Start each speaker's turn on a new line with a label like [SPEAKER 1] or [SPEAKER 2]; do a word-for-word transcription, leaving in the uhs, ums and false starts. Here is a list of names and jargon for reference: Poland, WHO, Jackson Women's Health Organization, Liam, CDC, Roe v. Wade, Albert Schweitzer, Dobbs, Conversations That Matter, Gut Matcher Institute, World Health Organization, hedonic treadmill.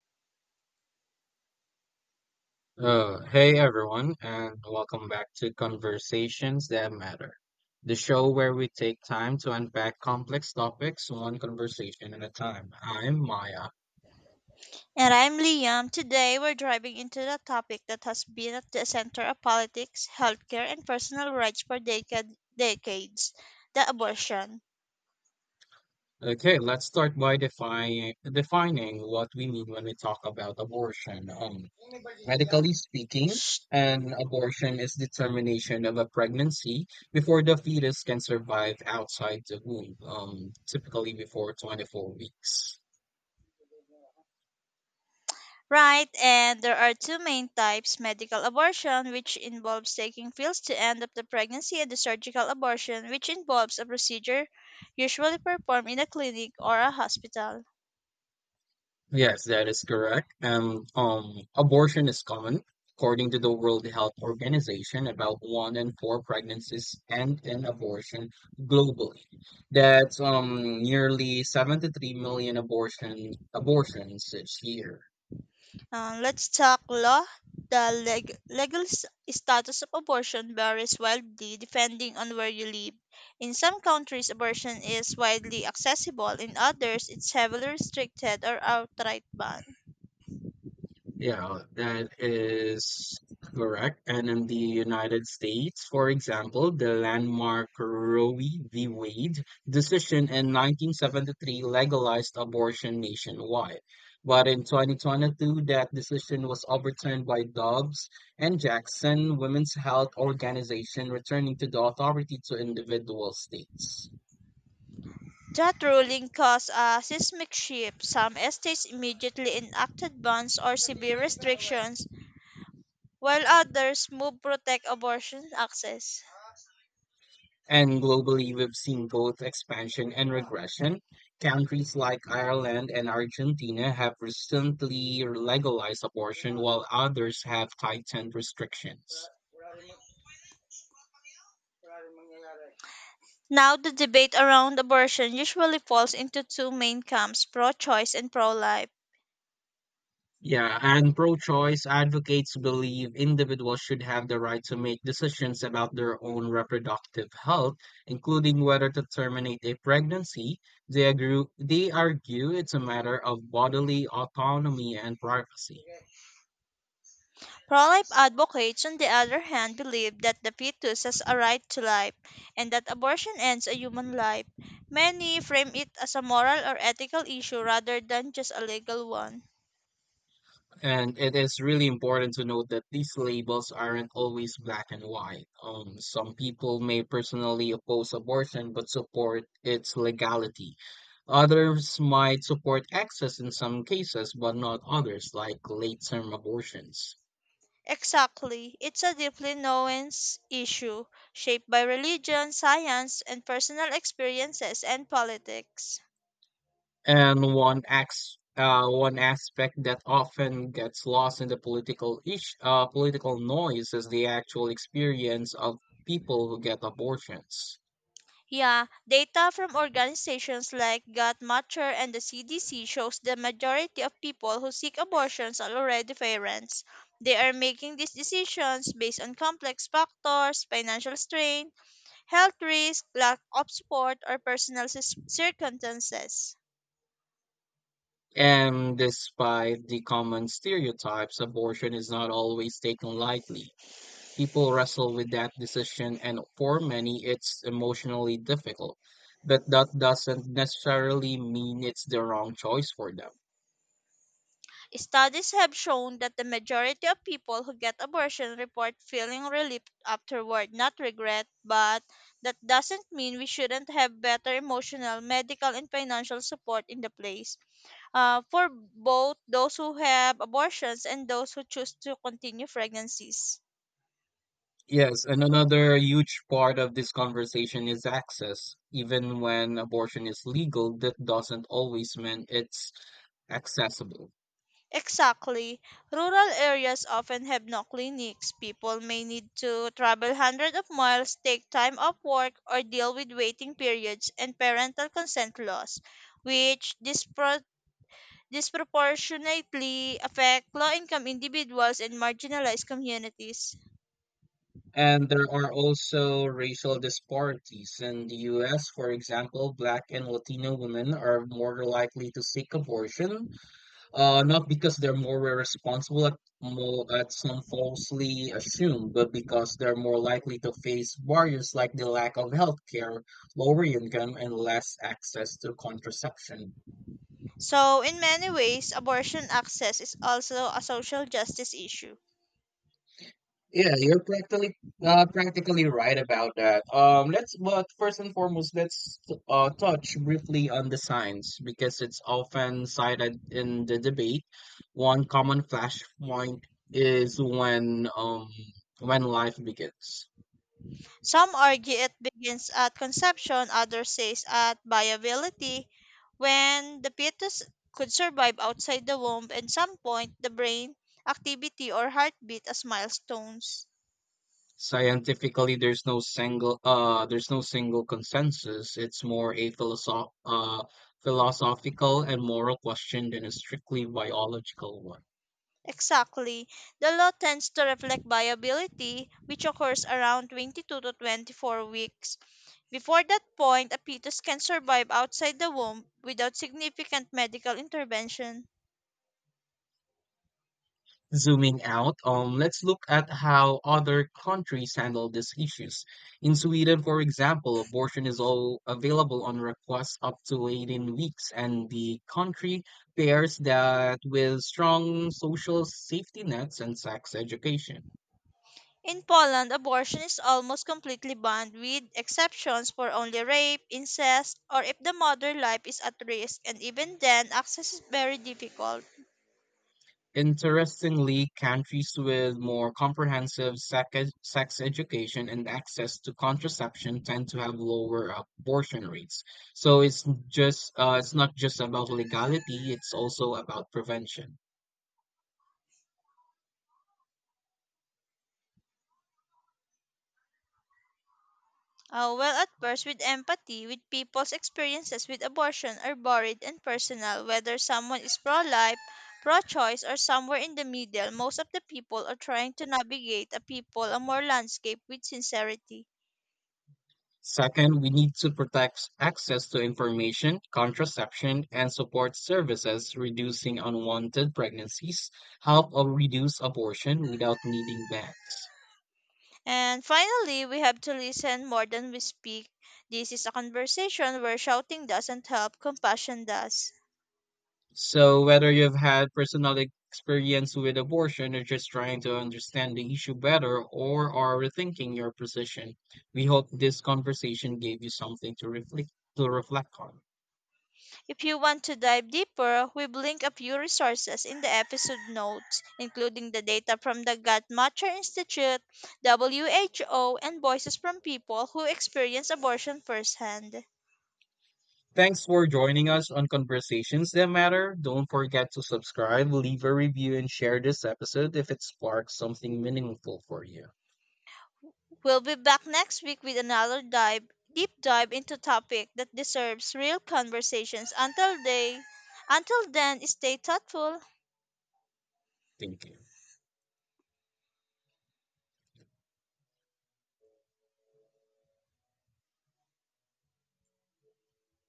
[SPEAKER 1] Uh, hey everyone, and welcome back to Conversations That Matter, the show where we take time to unpack complex topics one conversation at a time. I'm Maya.
[SPEAKER 2] And I'm Liam. Today we're driving into the topic that has been at the center of politics, healthcare, and personal rights for decad- decades, the abortion.
[SPEAKER 1] Okay, let's start by defining defining what we mean when we talk about abortion. Um, medically speaking, an abortion is the termination of a pregnancy before the fetus can survive outside the womb, um, typically before twenty-four weeks.
[SPEAKER 2] Right, and there are two main types, medical abortion, which involves taking pills to end up the pregnancy, and the surgical abortion, which involves a procedure usually performed in a clinic or a hospital.
[SPEAKER 1] Yes, that is correct. Um, um, abortion is common. According to the World Health Organization, about one in four pregnancies end in abortion globally. That's um nearly seventy-three million abortion abortions each year.
[SPEAKER 2] Uh, let's talk law. The leg- legal s- status of abortion varies wildly depending on where you live. In some countries, abortion is widely accessible, in others, it's heavily restricted or outright banned.
[SPEAKER 1] Yeah, that is correct. And in the United States, for example, the landmark Roe v. Wade decision in nineteen seventy-three legalized abortion nationwide. But in twenty twenty-two, that decision was overturned by Dobbs and Jackson Women's Health Organization, returning to the authority to individual states.
[SPEAKER 2] That ruling caused a seismic shift. Some states immediately enacted bans or severe restrictions, while others moved protect abortion access.
[SPEAKER 1] And globally, we've seen both expansion and regression. Countries like Ireland and Argentina have recently legalized abortion, while others have tightened restrictions.
[SPEAKER 2] Now, the debate around abortion usually falls into two main camps, pro choice and pro life.
[SPEAKER 1] Yeah, and pro choice advocates believe individuals should have the right to make decisions about their own reproductive health, including whether to terminate a pregnancy. They, agree, they argue it's a matter of bodily autonomy and privacy.
[SPEAKER 2] Pro-life advocates, on the other hand, believe that the fetus has a right to life and that abortion ends a human life. Many frame it as a moral or ethical issue rather than just a legal one.
[SPEAKER 1] And it is really important to note that these labels aren't always black and white. Um, some people may personally oppose abortion but support its legality. Others might support access in some cases, but not others, like late-term abortions.
[SPEAKER 2] Exactly. It's a deeply nuanced issue shaped by religion, science, and personal experiences and politics.
[SPEAKER 1] And one acts, uh, one aspect that often gets lost in the political ish, uh, political noise is the actual experience of people who get abortions.
[SPEAKER 2] Yeah, data from organizations like Gut Matter and the C D C shows the majority of people who seek abortions are already parents. They are making these decisions based on complex factors, financial strain, health risk, lack of support, or personal cis- circumstances.
[SPEAKER 1] And despite the common stereotypes, abortion is not always taken lightly. People wrestle with that decision, and for many, it's emotionally difficult. But that doesn't necessarily mean it's the wrong choice for them.
[SPEAKER 2] Studies have shown that the majority of people who get abortion report feeling relief afterward, not regret, but that doesn't mean we shouldn't have better emotional, medical, and financial support in the place, uh, for both those who have abortions and those who choose to continue pregnancies.
[SPEAKER 1] Yes, and another huge part of this conversation is access. Even when abortion is legal, that doesn't always mean it's accessible.
[SPEAKER 2] Exactly. Rural areas often have no clinics. People may need to travel hundreds of miles, take time off work, or deal with waiting periods and parental consent laws, which dispro- disproportionately affect low income individuals and marginalized communities.
[SPEAKER 1] And there are also racial disparities. In the U S, for example, Black and Latino women are more likely to seek abortion, uh, not because they're more responsible at, more, at some falsely assumed, but because they're more likely to face barriers like the lack of health care, lower income, and less access to contraception.
[SPEAKER 2] So, in many ways, abortion access is also a social justice issue.
[SPEAKER 1] Yeah, you're practically uh, practically right about that. Um, let's but first and foremost, let's uh, touch briefly on the signs because it's often cited in the debate. One common flashpoint is when um when life begins.
[SPEAKER 2] Some argue it begins at conception, others say at viability, when the fetus could survive outside the womb, and some point the brain activity or heartbeat as milestones.
[SPEAKER 1] Scientifically, there's no single uh there's no single consensus. It's more a philosoph uh philosophical and moral question than a strictly biological one.
[SPEAKER 2] Exactly. The law tends to reflect viability, which occurs around twenty-two to twenty-four weeks. Before that point, a fetus can survive outside the womb without significant medical intervention.
[SPEAKER 1] Zooming out, um, let's look at how other countries handle these issues. In Sweden, for example, abortion is all available on request up to eighteen weeks, and the country pairs that with strong social safety nets and sex education.
[SPEAKER 2] In Poland, abortion is almost completely banned, with exceptions for only rape, incest, or if the mother life is at risk, and even then, access is very difficult.
[SPEAKER 1] Interestingly, countries with more comprehensive sec- sex education and access to contraception tend to have lower abortion rates. So it's just uh, it's not just about legality; it's also about prevention.
[SPEAKER 2] Uh, well, at first, with empathy, with people's experiences with abortion are varied and personal. Whether someone is pro-life, pro-choice, or somewhere in the middle, most of the people are trying to navigate a people, a more landscape with sincerity.
[SPEAKER 1] Second, we need to protect access to information, contraception, and support services, reducing unwanted pregnancies, help uh, reduce abortion without needing bans.
[SPEAKER 2] And finally, we have to listen more than we speak. This is a conversation where shouting doesn't help, compassion does.
[SPEAKER 1] So, whether you've had personal experience with abortion or just trying to understand the issue better or are rethinking your position, we hope this conversation gave you something to reflect to reflect on.
[SPEAKER 2] If you want to dive deeper, we've linked a few resources in the episode notes, including the data from the Gut Matcher Institute, W H O, and voices from people who experience abortion firsthand.
[SPEAKER 1] Thanks for joining us on Conversations That Matter. Don't forget to subscribe, leave a review, and share this episode if it sparks something meaningful for you.
[SPEAKER 2] We'll be back next week with another dive, deep dive into topic that deserves real conversations. Until day, until then, stay thoughtful.
[SPEAKER 1] Thank you.